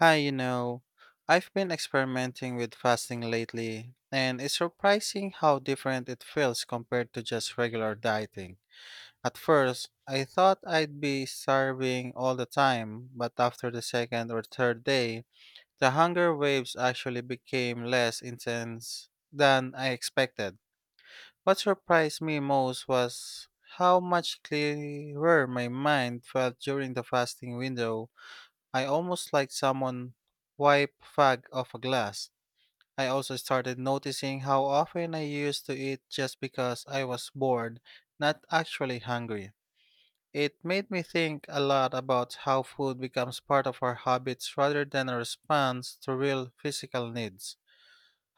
Hi, you know, I've been experimenting with fasting lately, and it's surprising how different it feels compared to just regular dieting. At first, I thought I'd be starving all the time, but after the second or third day, the hunger waves actually became less intense than I expected. What surprised me most was how much clearer my mind felt during the fasting window. I almost like someone wipe fag off a glass. I also started noticing how often I used to eat just because I was bored, not actually hungry. It made me think a lot about how food becomes part of our habits rather than a response to real physical needs.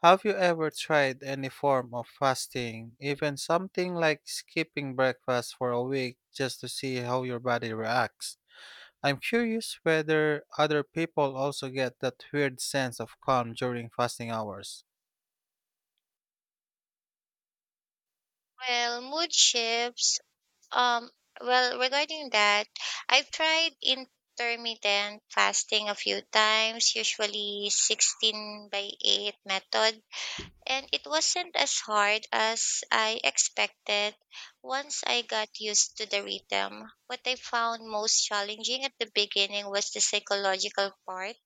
Have you ever tried any form of fasting, even something like skipping breakfast for a week just to see how your body reacts? I'm curious whether other people also get that weird sense of calm during fasting hours. Well, mood shifts. Um, regarding that, I've tried intermittent fasting a few times, usually 16 by 8 method, and it wasn't as hard as I expected once I got used to the rhythm. What I found most challenging at the beginning was the psychological part,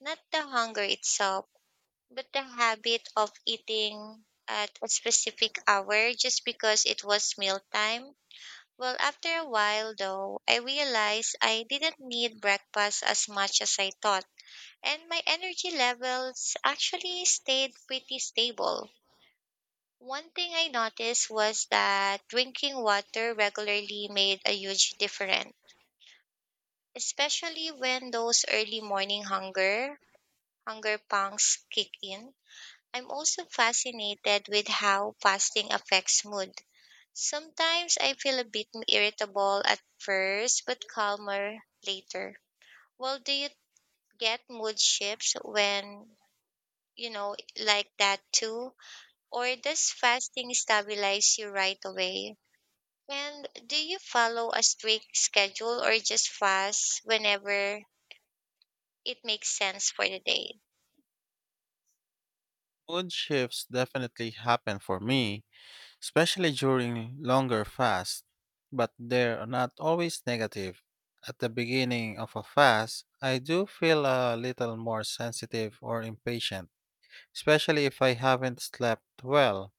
not the hunger itself. But the habit of eating at a specific hour just because it was mealtime. Well, after a while, though, I realized I didn't need breakfast as much as I thought, and my energy levels actually stayed pretty stable. One thing I noticed was that drinking water regularly made a huge difference, especially when those hunger pangs kick in. I'm also fascinated with how fasting affects mood. Sometimes I feel a bit irritable at first, but calmer later. Well, do you get mood shifts you know, like that too? Or does fasting stabilize you right away? And do you follow a strict schedule or just fast whenever it makes sense for the day? Mood shifts definitely happen for me, especially during longer fasts, but they're not always negative. At the beginning of a fast, I do feel a little more sensitive or impatient, especially if I haven't slept well.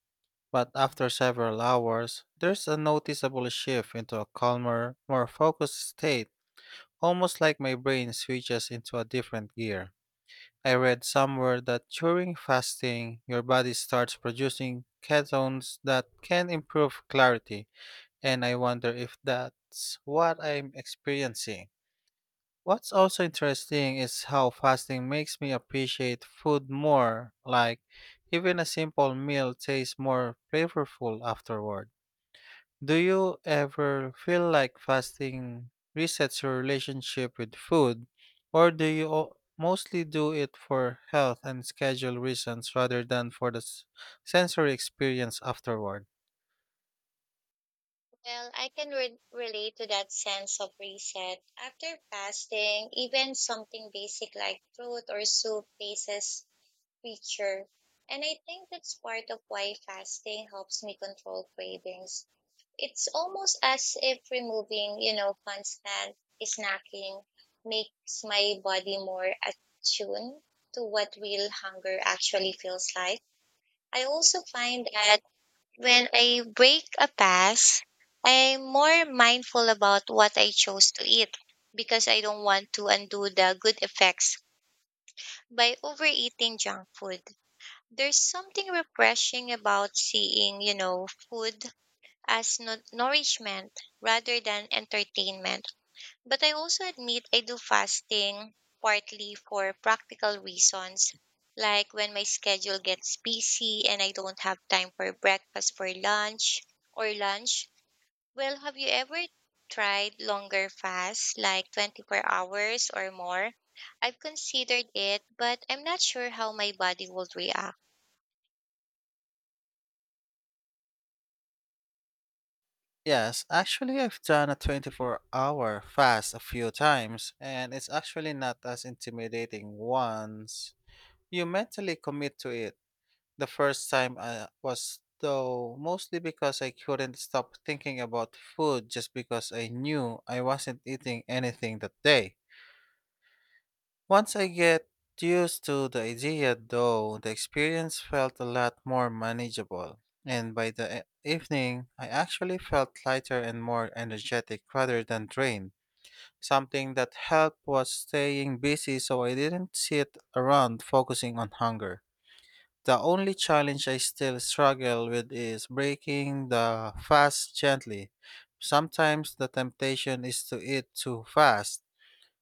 But after several hours, there's a noticeable shift into a calmer, more focused state. Almost like my brain switches into a different gear. I read somewhere that during fasting, your body starts producing ketones that can improve clarity, and I wonder if that's what I'm experiencing. What's also interesting is how fasting makes me appreciate food more, like even a simple meal tastes more flavorful afterward. Do you ever feel like fasting resets your relationship with food, or do you mostly do it for health and schedule reasons rather than for the sensory experience afterward? Well, I can relate to that sense of reset. After fasting, even something basic like fruit or soup faces feature. And I think that's part of why fasting helps me control cravings. It's almost as if removing constant snacking makes my body more attuned to what real hunger actually feels like. I also find that when I break a fast, I'm more mindful about what I chose to eat because I don't want to undo the good effects by overeating junk food. There's something refreshing about seeing food as nourishment rather than entertainment. But I also admit I do fasting partly for practical reasons, like when my schedule gets busy and I don't have time for breakfast for lunch or lunch. Well, have you ever tried longer fasts like 24 hours or more? I've considered it, but I'm not sure how my body would react. Yes, actually, I've done a 24-hour fast a few times, and it's actually not as intimidating once you mentally commit to it. The first time I was though mostly because I couldn't stop thinking about food just because I knew I wasn't eating anything that day. Once I get used to the idea though, the experience felt a lot more manageable. And by the evening, I actually felt lighter and more energetic rather than drained. Something that helped was staying busy so I didn't sit around focusing on hunger. The only challenge I still struggle with is breaking the fast gently. Sometimes the temptation is to eat too fast.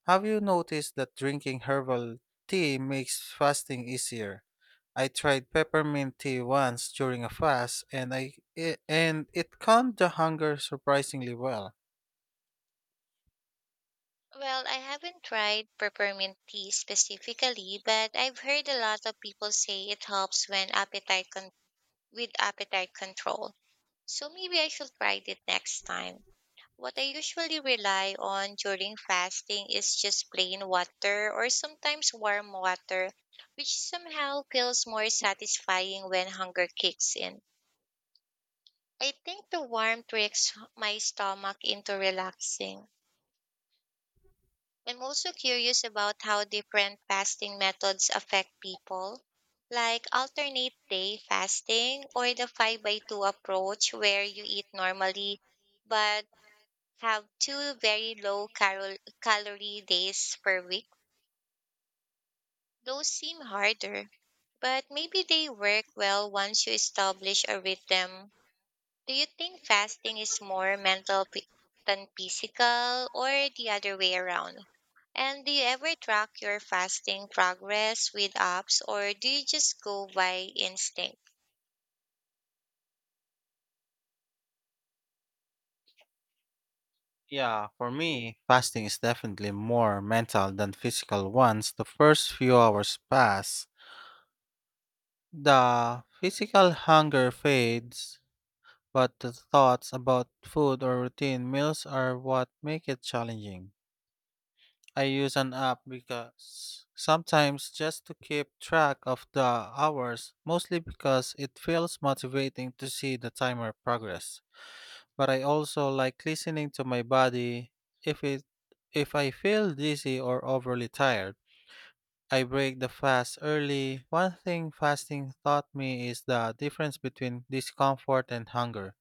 Have you noticed that drinking herbal tea makes fasting easier? I tried peppermint tea once during a fast, and it calmed the hunger surprisingly well. Well, I haven't tried peppermint tea specifically, but I've heard a lot of people say it helps when appetite control with appetite control. So maybe I should try it next time. What I usually rely on during fasting is just plain water or sometimes warm water, which somehow feels more satisfying when hunger kicks in. I think the warmth tricks my stomach into relaxing. I'm also curious about how different fasting methods affect people, like alternate day fasting or the 5 by 2 approach where you eat normally but have two very low calorie days per week. Those seem harder, but maybe they work well once you establish a rhythm. Do you think fasting is more than physical or the other way around? And do you ever track your fasting progress with apps or do you just go by instinct? Yeah, for me, fasting is definitely more mental than physical once the first few hours pass. The physical hunger fades, but the thoughts about food or routine meals are what make it challenging. I use an app because sometimes just to keep track of the hours, mostly because it feels motivating to see the timer progress. But I also like listening to my body, if it if I feel dizzy or overly tired. I break the fast early. One thing fasting taught me is the difference between discomfort and hunger.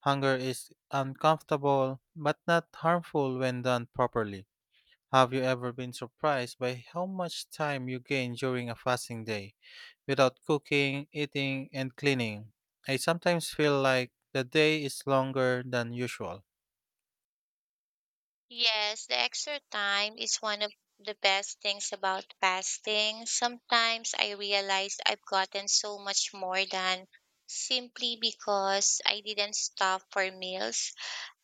Hunger is uncomfortable but not harmful when done properly. Have you ever been surprised by how much time you gain during a fasting day without cooking, eating, and cleaning? I sometimes feel like the day is longer than usual. Yes, the extra time is one of the best things about fasting. Sometimes I realize I've gotten so much more done simply because I didn't stop for meals.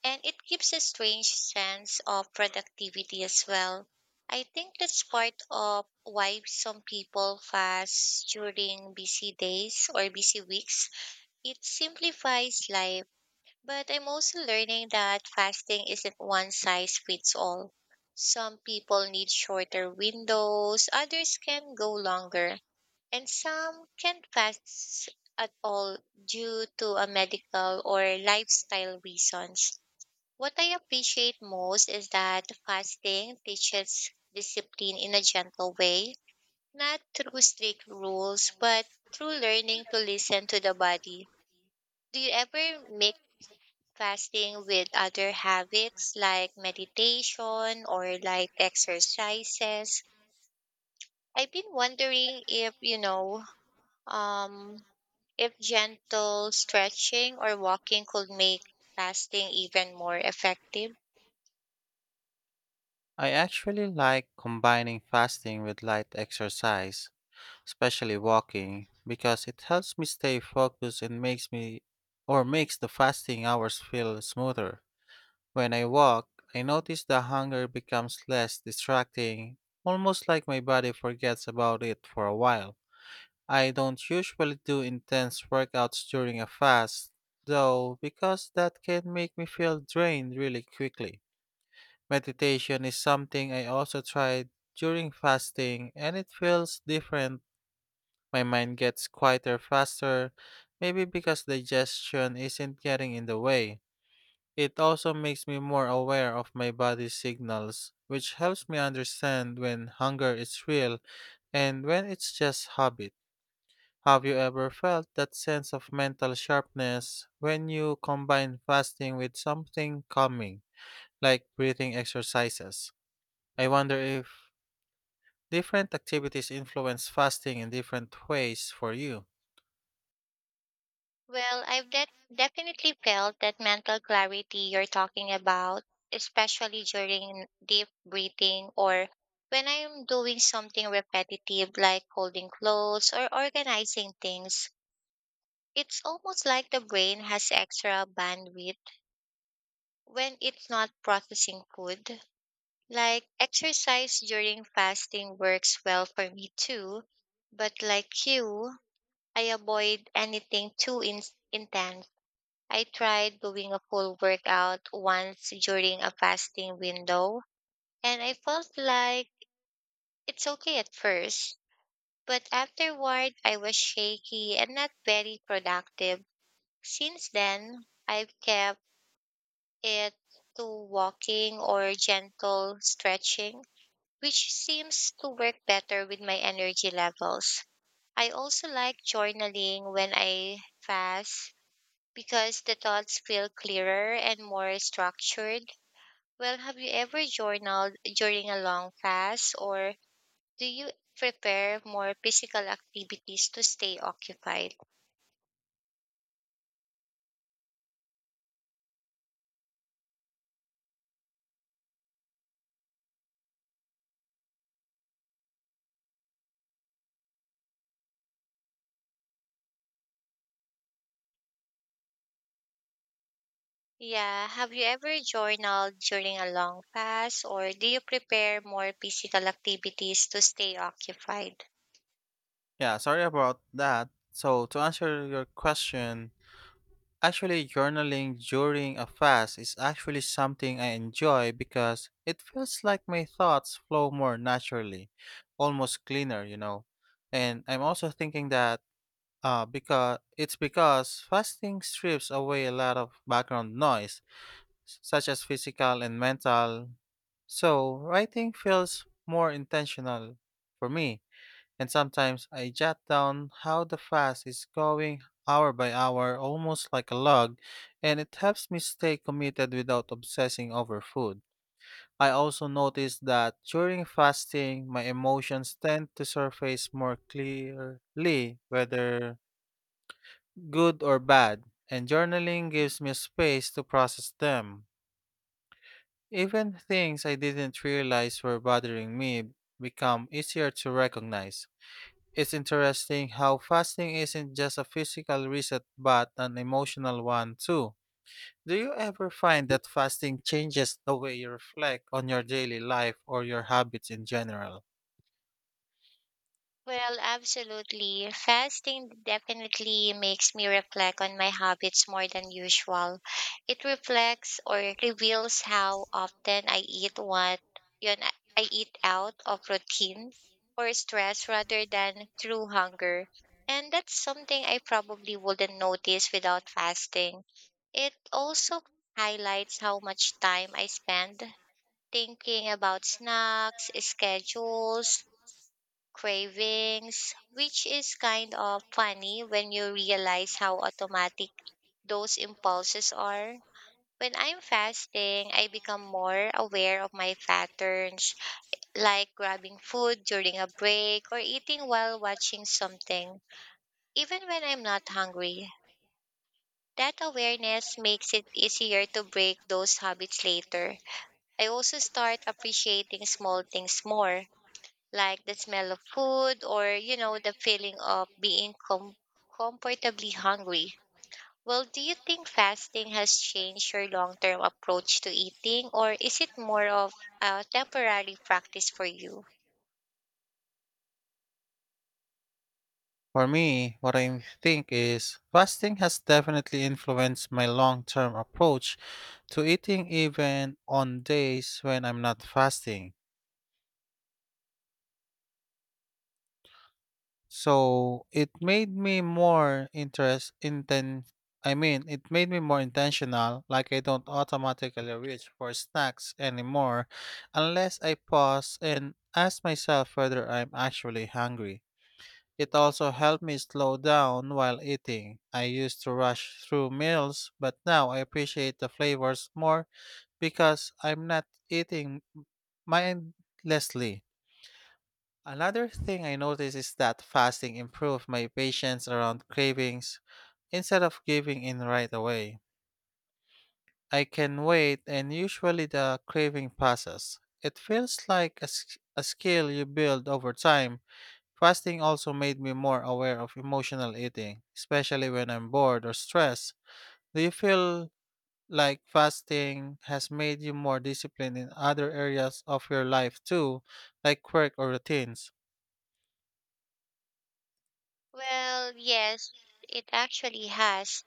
And it gives a strange sense of productivity as well. I think that's part of why some people fast during busy days or busy weeks. It simplifies life, but I'm also learning that fasting isn't one size fits all. Some people need shorter windows, others can go longer, and some can't fast at all due to a medical or lifestyle reasons. What I appreciate most is that fasting teaches discipline in a gentle way, not through strict rules, but through learning to listen to the body. Do you ever make fasting with other habits like meditation or like exercises? I've been wondering if, you know, um, if gentle stretching or walking could make fasting even more effective. I actually like combining fasting with light exercise, especially walking, because it helps me stay focused and makes me or makes the fasting hours feel smoother. When I walk, I notice the hunger becomes less distracting, almost like my body forgets about it for a while. I don't usually do intense workouts during a fast, though, because that can make me feel drained really quickly. Meditation is something I also tried during fasting, and it feels different. My mind gets quieter faster, maybe because digestion isn't getting in the way. It also makes me more aware of my body's signals, which helps me understand when hunger is real and when it's just habit. Have you ever felt that sense of mental sharpness when you combine fasting with something calming, like breathing exercises? I wonder if different activities influence fasting in different ways for you. Well, I've definitely felt that mental clarity you're talking about, especially during deep breathing or when I'm doing something repetitive like folding clothes or organizing things. It's almost like the brain has extra bandwidth when it's not processing food. Like exercise during fasting works well for me too, but like you, I avoid anything intense. I tried doing a full workout once during a fasting window, and I felt like it's okay at first, but afterward I was shaky and not very productive. Since then, I've kept it to walking or gentle stretching, which seems to work better with my energy levels. I also like journaling when I fast because the thoughts feel clearer and more structured. Well, have you ever journaled during a long fast or do you prepare more physical activities to stay occupied? Yeah, have you ever journaled during a long fast, or do you prepare more physical activities to stay occupied? Yeah, sorry about that. So, to answer your question, actually, journaling during a fast is actually something I enjoy because it feels like my thoughts flow more naturally, almost cleaner, you know. And I'm also thinking that because fasting strips away a lot of background noise, such as physical and mental. So, writing feels more intentional for me, and sometimes I jot down how the fast is going hour by hour, almost like a log, and it helps me stay committed without obsessing over food. I also noticed that during fasting, my emotions tend to surface more clearly, whether good or bad, and journaling gives me space to process them. Even things I didn't realize were bothering me become easier to recognize. It's interesting how fasting isn't just a physical reset but an emotional one too. Do you ever find that fasting changes the way you reflect on your daily life or your habits in general? Well, absolutely. Fasting definitely makes me reflect on my habits more than usual. It reflects or reveals how often yun, I eat out of routine or stress rather than through hunger. And that's something I probably wouldn't notice without fasting. It also highlights how much time I spend thinking about snacks, schedules, cravings, which is kind of funny when you realize how automatic those impulses are. When I'm fasting, I become more aware of my patterns, like grabbing food during a break or eating while watching something, even when I'm not hungry. That awareness makes it easier to break those habits later. I also start appreciating small things more like the smell of food or the feeling of being comfortably hungry. Well, do you think fasting has changed your long term approach to eating, or is it more of a temporary practice for you? For me, what I think is fasting has definitely influenced my long term approach to eating, even on days when I'm not fasting. So it made me more interest inten I mean it made me more intentional, like I don't automatically reach for snacks anymore unless I pause and ask myself whether I'm actually hungry. It also helped me slow down while eating. I used to rush through meals, but now I appreciate the flavors more because I'm not eating mindlessly. Another thing I noticed is that fasting improved my patience around cravings instead of giving in right away. I can wait, and usually the craving passes. It feels like a skill you build over time. Fasting also made me more aware of emotional eating, especially when I'm bored or stressed. Do you feel like fasting has made you more disciplined in other areas of your life too, like work or routines? Well, yes, it actually has.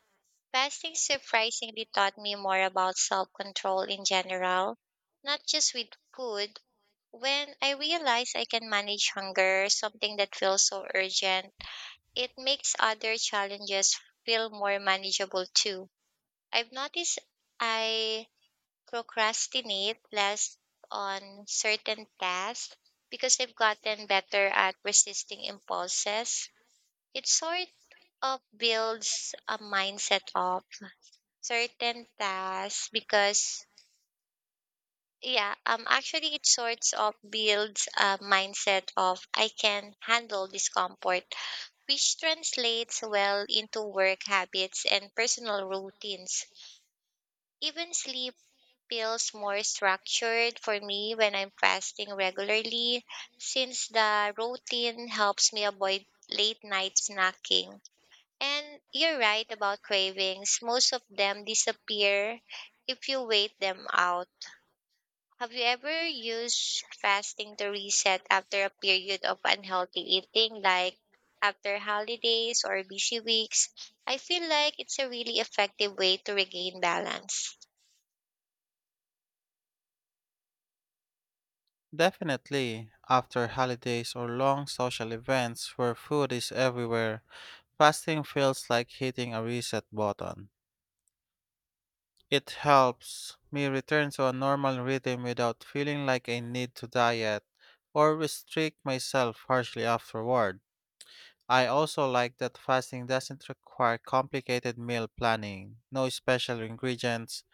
Fasting surprisingly taught me more about self control in general, not just with food. When I realized I can manage hunger, something that feels so urgent, it makes other challenges feel more manageable too. I've noticed I procrastinate less on certain tasks because I've gotten better at resisting impulses. It sort of builds a mindset of certain tasks because yeah actually it sorts of builds a mindset of I can handle discomfort, which translates well into work habits and personal routines. Even sleep feels more structured for me when I'm fasting regularly, since the routine helps me avoid late night snacking. And you're right about cravings, most of them disappear if you wait them out. Have you ever used fasting to reset after a period of unhealthy eating, like after holidays or busy weeks? I feel like it's a really effective way to regain balance. Definitely, after holidays or long social events where food is everywhere, fasting feels like hitting a reset button. It helps me return to a normal rhythm without feeling like I need to diet or restrict myself harshly afterward. I also like that fasting doesn't require complicated meal planning, no special ingredients,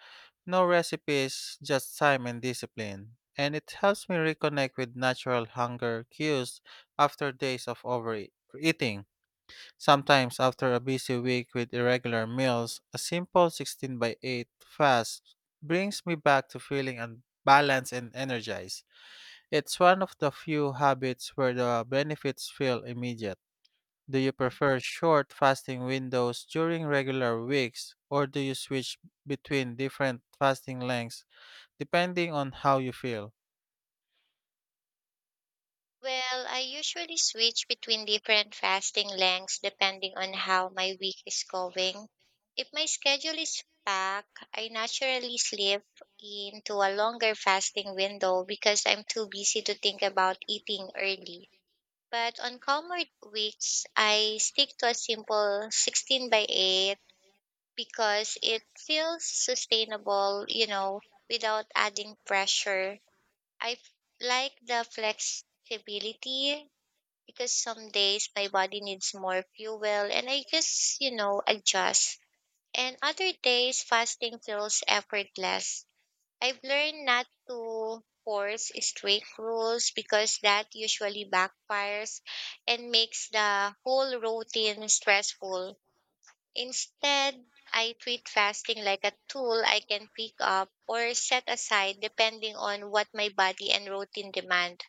no recipes, just time and discipline. And it helps me reconnect with natural hunger cues after days of overeating. Sometimes, after a busy week with irregular meals, a simple 16 by 8 fast brings me back to feeling balanced and energized. It's one of the few habits where the benefits feel immediate. Do you prefer short fasting windows during regular weeks, or do you switch between different fasting lengths, depending on how you feel? Well, I usually switch between different fasting lengths depending on how my week is going. If my schedule is packed, I naturally slip into a longer fasting window because I'm too busy to think about eating early. But on calmer weeks, I stick to a simple 16 by 8 because it feels sustainable without adding pressure. I f- like the flexibility because some days my body needs more fuel and I just adjust. And other days, fasting feels effortless. I've learned not to force strict rules because that usually backfires and makes the whole routine stressful. Instead, I treat fasting like a tool I can pick up or set aside depending on what my body and routine demand.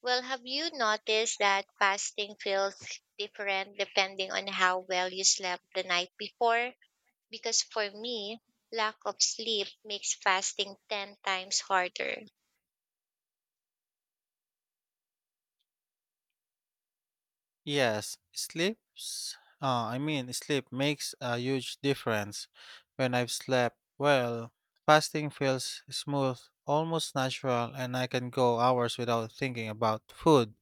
Well, have you noticed that fasting feels different depending on how well you slept the night before? Because for me, lack of sleep makes fasting 10 times harder. Yes, sleeps. Sleep makes a huge difference. When I've slept well, fasting feels smooth, almost natural, and I can go hours without thinking about food.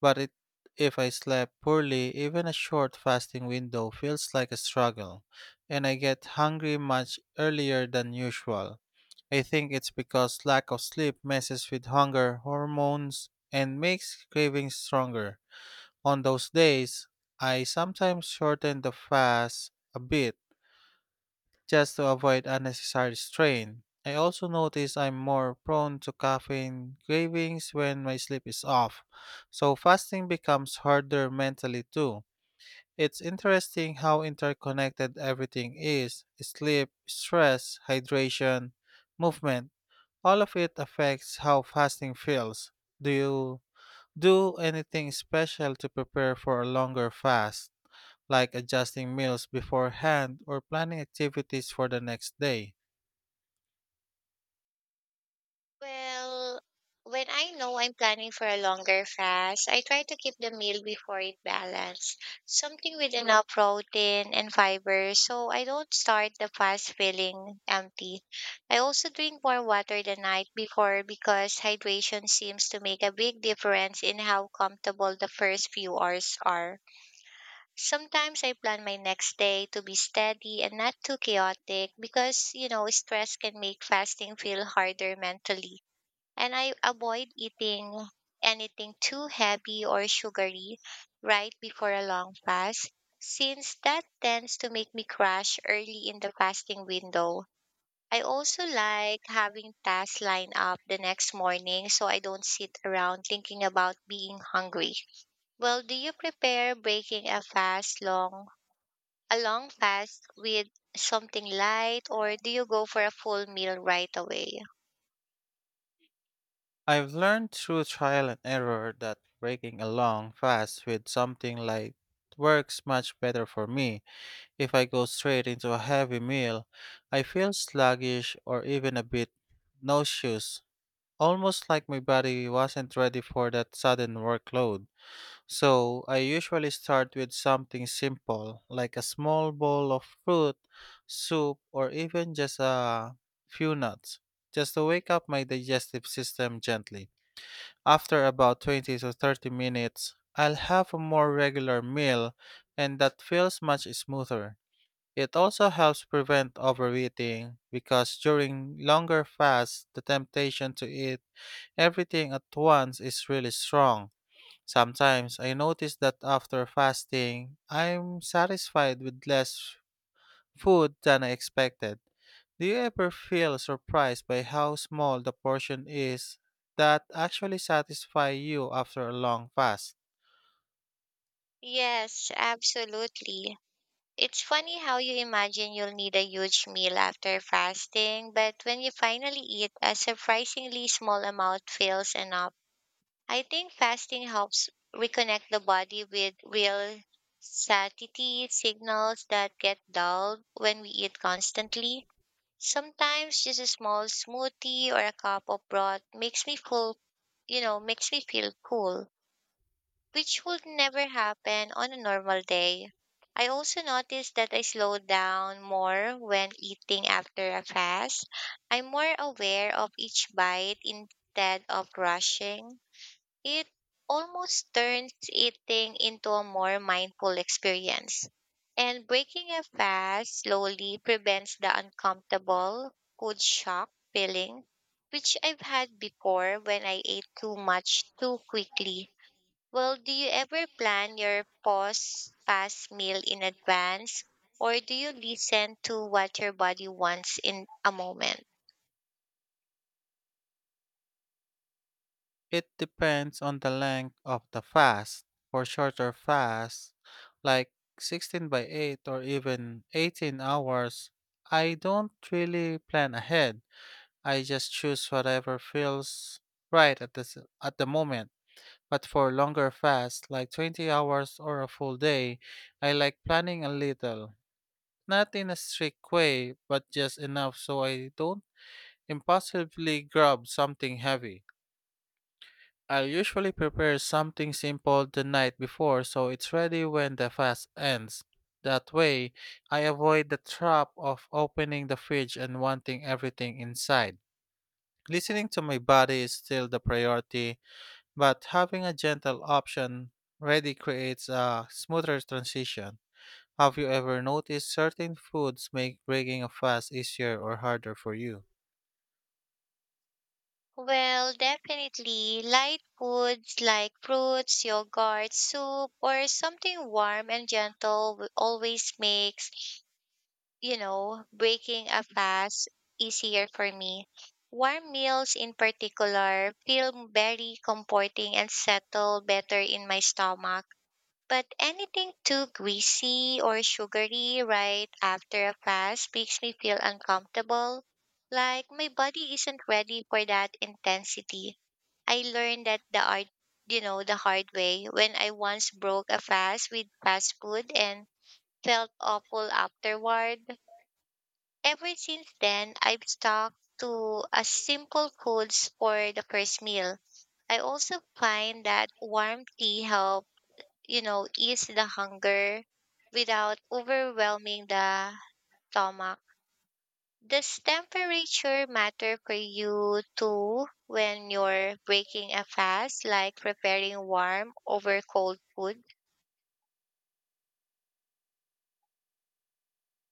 But it, if I slept poorly, even a short fasting window feels like a struggle, and I get hungry much earlier than usual. I think it's because lack of sleep messes with hunger hormones and makes cravings stronger. On those days, I sometimes shorten the fast a bit just to avoid unnecessary strain. I also notice I'm more prone to caffeine cravings when my sleep is off, so fasting becomes harder mentally too. It's interesting how interconnected everything is: sleep, stress, hydration, movement, all of it affects how fasting feels. Do you do anything special to prepare for a longer fast, like adjusting meals beforehand or planning activities for the next day? Well, when I know I'm planning for a longer fast, I try to keep the meal before it balanced. Something with enough protein and fiber so I don't start the fast feeling empty. I also drink more water the night before because hydration seems to make a big difference in how comfortable the first few hours are. Sometimes I plan my next day to be steady and not too chaotic because stress can make fasting feel harder mentally. And I avoid eating anything too heavy or sugary right before a long fast, since that tends to make me crash early in the fasting window. I also like having tasks lined up the next morning so I don't sit around thinking about being hungry. Well, do you prepare breaking a fast long a long fast with something light, or do you go for a full meal right away? I've learned through trial and error that breaking a long fast with something like works much better for me. If I go straight into a heavy meal, I feel sluggish or even a bit nauseous. Almost like my body wasn't ready for that sudden workload. So I usually start with something simple, like a small bowl of fruit, soup, or even just a few nuts, just to wake up my digestive system gently. After about 20 to 30 minutes, I'll have a more regular meal, and that feels much smoother. It also helps prevent overeating because during longer fasts, the temptation to eat everything at once is really strong. Sometimes I notice that after fasting, I'm satisfied with less food than I expected. Do you ever feel surprised by how small the portion is that actually satisfy you after a long fast? Yes, absolutely. It's funny how you imagine you'll need a huge meal after fasting, but when you finally eat, a surprisingly small amount feels enough. I think fasting helps reconnect the body with real satiety signals that get dulled when we eat constantly. Sometimes just a small smoothie or a cup of broth makes me full. Makes me feel cool, which would never happen on a normal day. I also noticed that I slow down more when eating after a fast. I'm more aware of each bite instead of rushing. It almost turns eating into a more mindful experience. And breaking a fast slowly prevents the uncomfortable food shock feeling, which I've had before when I ate too much too quickly. Well, do you ever plan your post fast meal in advance, or do you listen to what your body wants in a moment? It depends on the length of the fast. For shorter fasts, like 16 by 8 or even 18 hours, I don't really plan ahead. I just choose whatever feels right at the moment. But for longer fasts, like 20 hours or a full day, I like planning a little. Not in a strict way, but just enough so I don't impulsively grab something heavy. I'll usually prepare something simple the night before so it's ready when the fast ends. That way, I avoid the trap of opening the fridge and wanting everything inside. Listening to my body is still the priority, but having a gentle option ready creates a smoother transition. Have you ever noticed certain foods make breaking a fast easier or harder for you? Well, definitely light foods like fruits, yogurt, soup, or something warm and gentle always makes breaking a fast easier for me. Warm meals in particular feel very comforting and settle better in my stomach. But anything too greasy or sugary right after a fast makes me feel uncomfortable, like my body isn't ready for that intensity. I learned that the art, you know, the hard way when I once broke a fast with fast food and felt awful afterward. Ever since then, I've stuck to a simple foods for the first meal. I also find that warm tea helps ease the hunger without overwhelming the stomach. Does temperature matter for you too when you're breaking a fast, like preparing warm over cold food?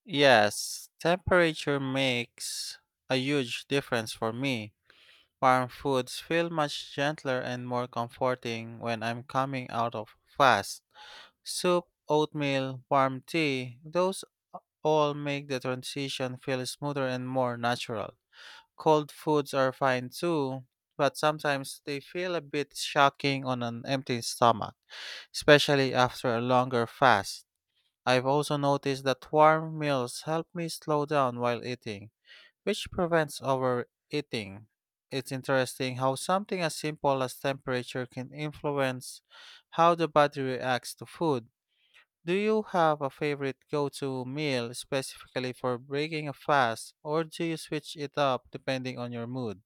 Yes, temperature makes a huge difference for me. Warm foods feel much gentler and more comforting when I'm coming out of fast. Soup, oatmeal, warm tea, those all make the transition feel smoother and more natural. Cold foods are fine too, but sometimes they feel a bit shocking on an empty stomach, especially after a longer fast. I've also noticed that warm meals help me slow down while eating, which prevents overeating. It's interesting how something as simple as temperature can influence how the body reacts to food. Do you have a favorite go-to meal specifically for breaking a fast, or do you switch it up depending on your mood?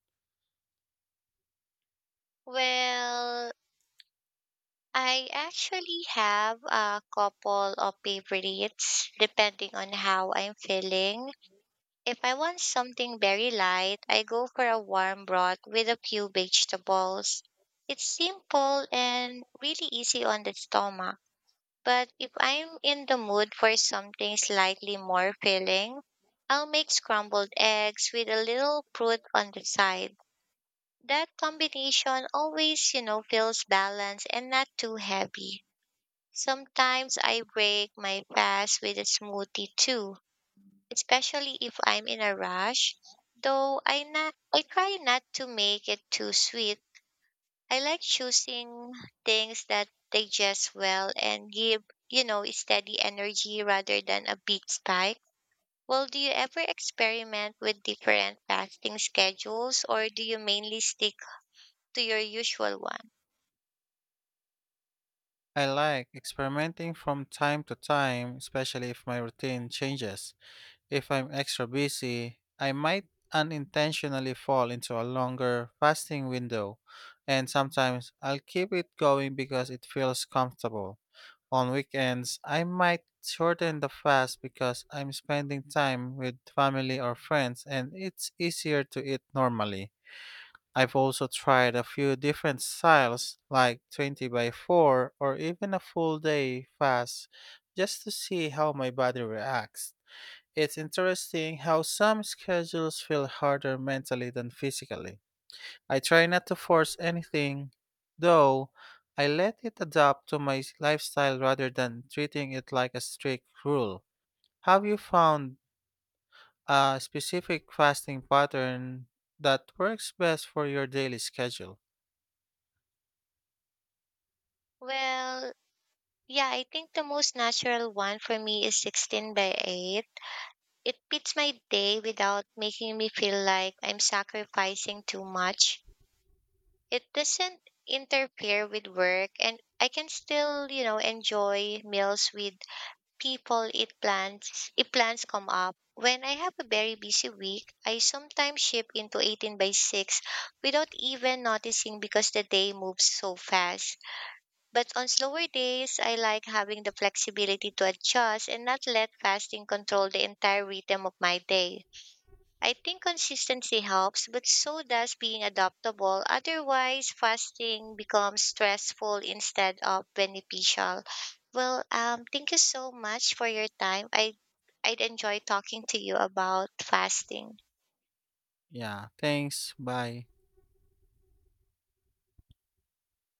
Well, I actually have a couple of favorites depending on how I'm feeling. If I want something very light, I go for a warm broth with a few vegetables. It's simple and really easy on the stomach. But if I'm in the mood for something slightly more filling, I'll make scrambled eggs with a little fruit on the side. That combination always feels balanced and not too heavy. Sometimes I break my fast with a smoothie too especially if I'm in a rush. Though I try not to make it too sweet. I like choosing things that digest well and give steady energy rather than a big spike. Well, do you ever experiment with different fasting schedules or do you mainly stick to your usual one? I like experimenting from time to time, especially if my routine changes. If I'm extra busy, I might unintentionally fall into a longer fasting window, and sometimes I'll keep it going because it feels comfortable. On weekends, I might shorten the fast because I'm spending time with family or friends and it's easier to eat normally. I've also tried a few different styles like 20 by 4 or even a full day fast just to see how my body reacts. It's interesting how some schedules feel harder mentally than physically. I try not to force anything, though. I let it adapt to my lifestyle rather than treating it like a strict rule. Have you found a specific fasting pattern that works best for your daily schedule? Well, yeah, I think the most natural one for me is 16 by 8. It fits my day without making me feel like I'm sacrificing too much. It doesn't interfere with work and I can still enjoy meals with people it plans if plans come up. When I have a very busy week, I sometimes ship into 18 by 6 without even noticing because the day moves so fast. But on slower days, I like having the flexibility to adjust and not let fasting control the entire rhythm of my day. I think consistency helps, but so does being adaptable. Otherwise, fasting becomes stressful instead of beneficial. Thank you so much for your time. I'd enjoy talking to you about fasting. Yeah, thanks. Bye.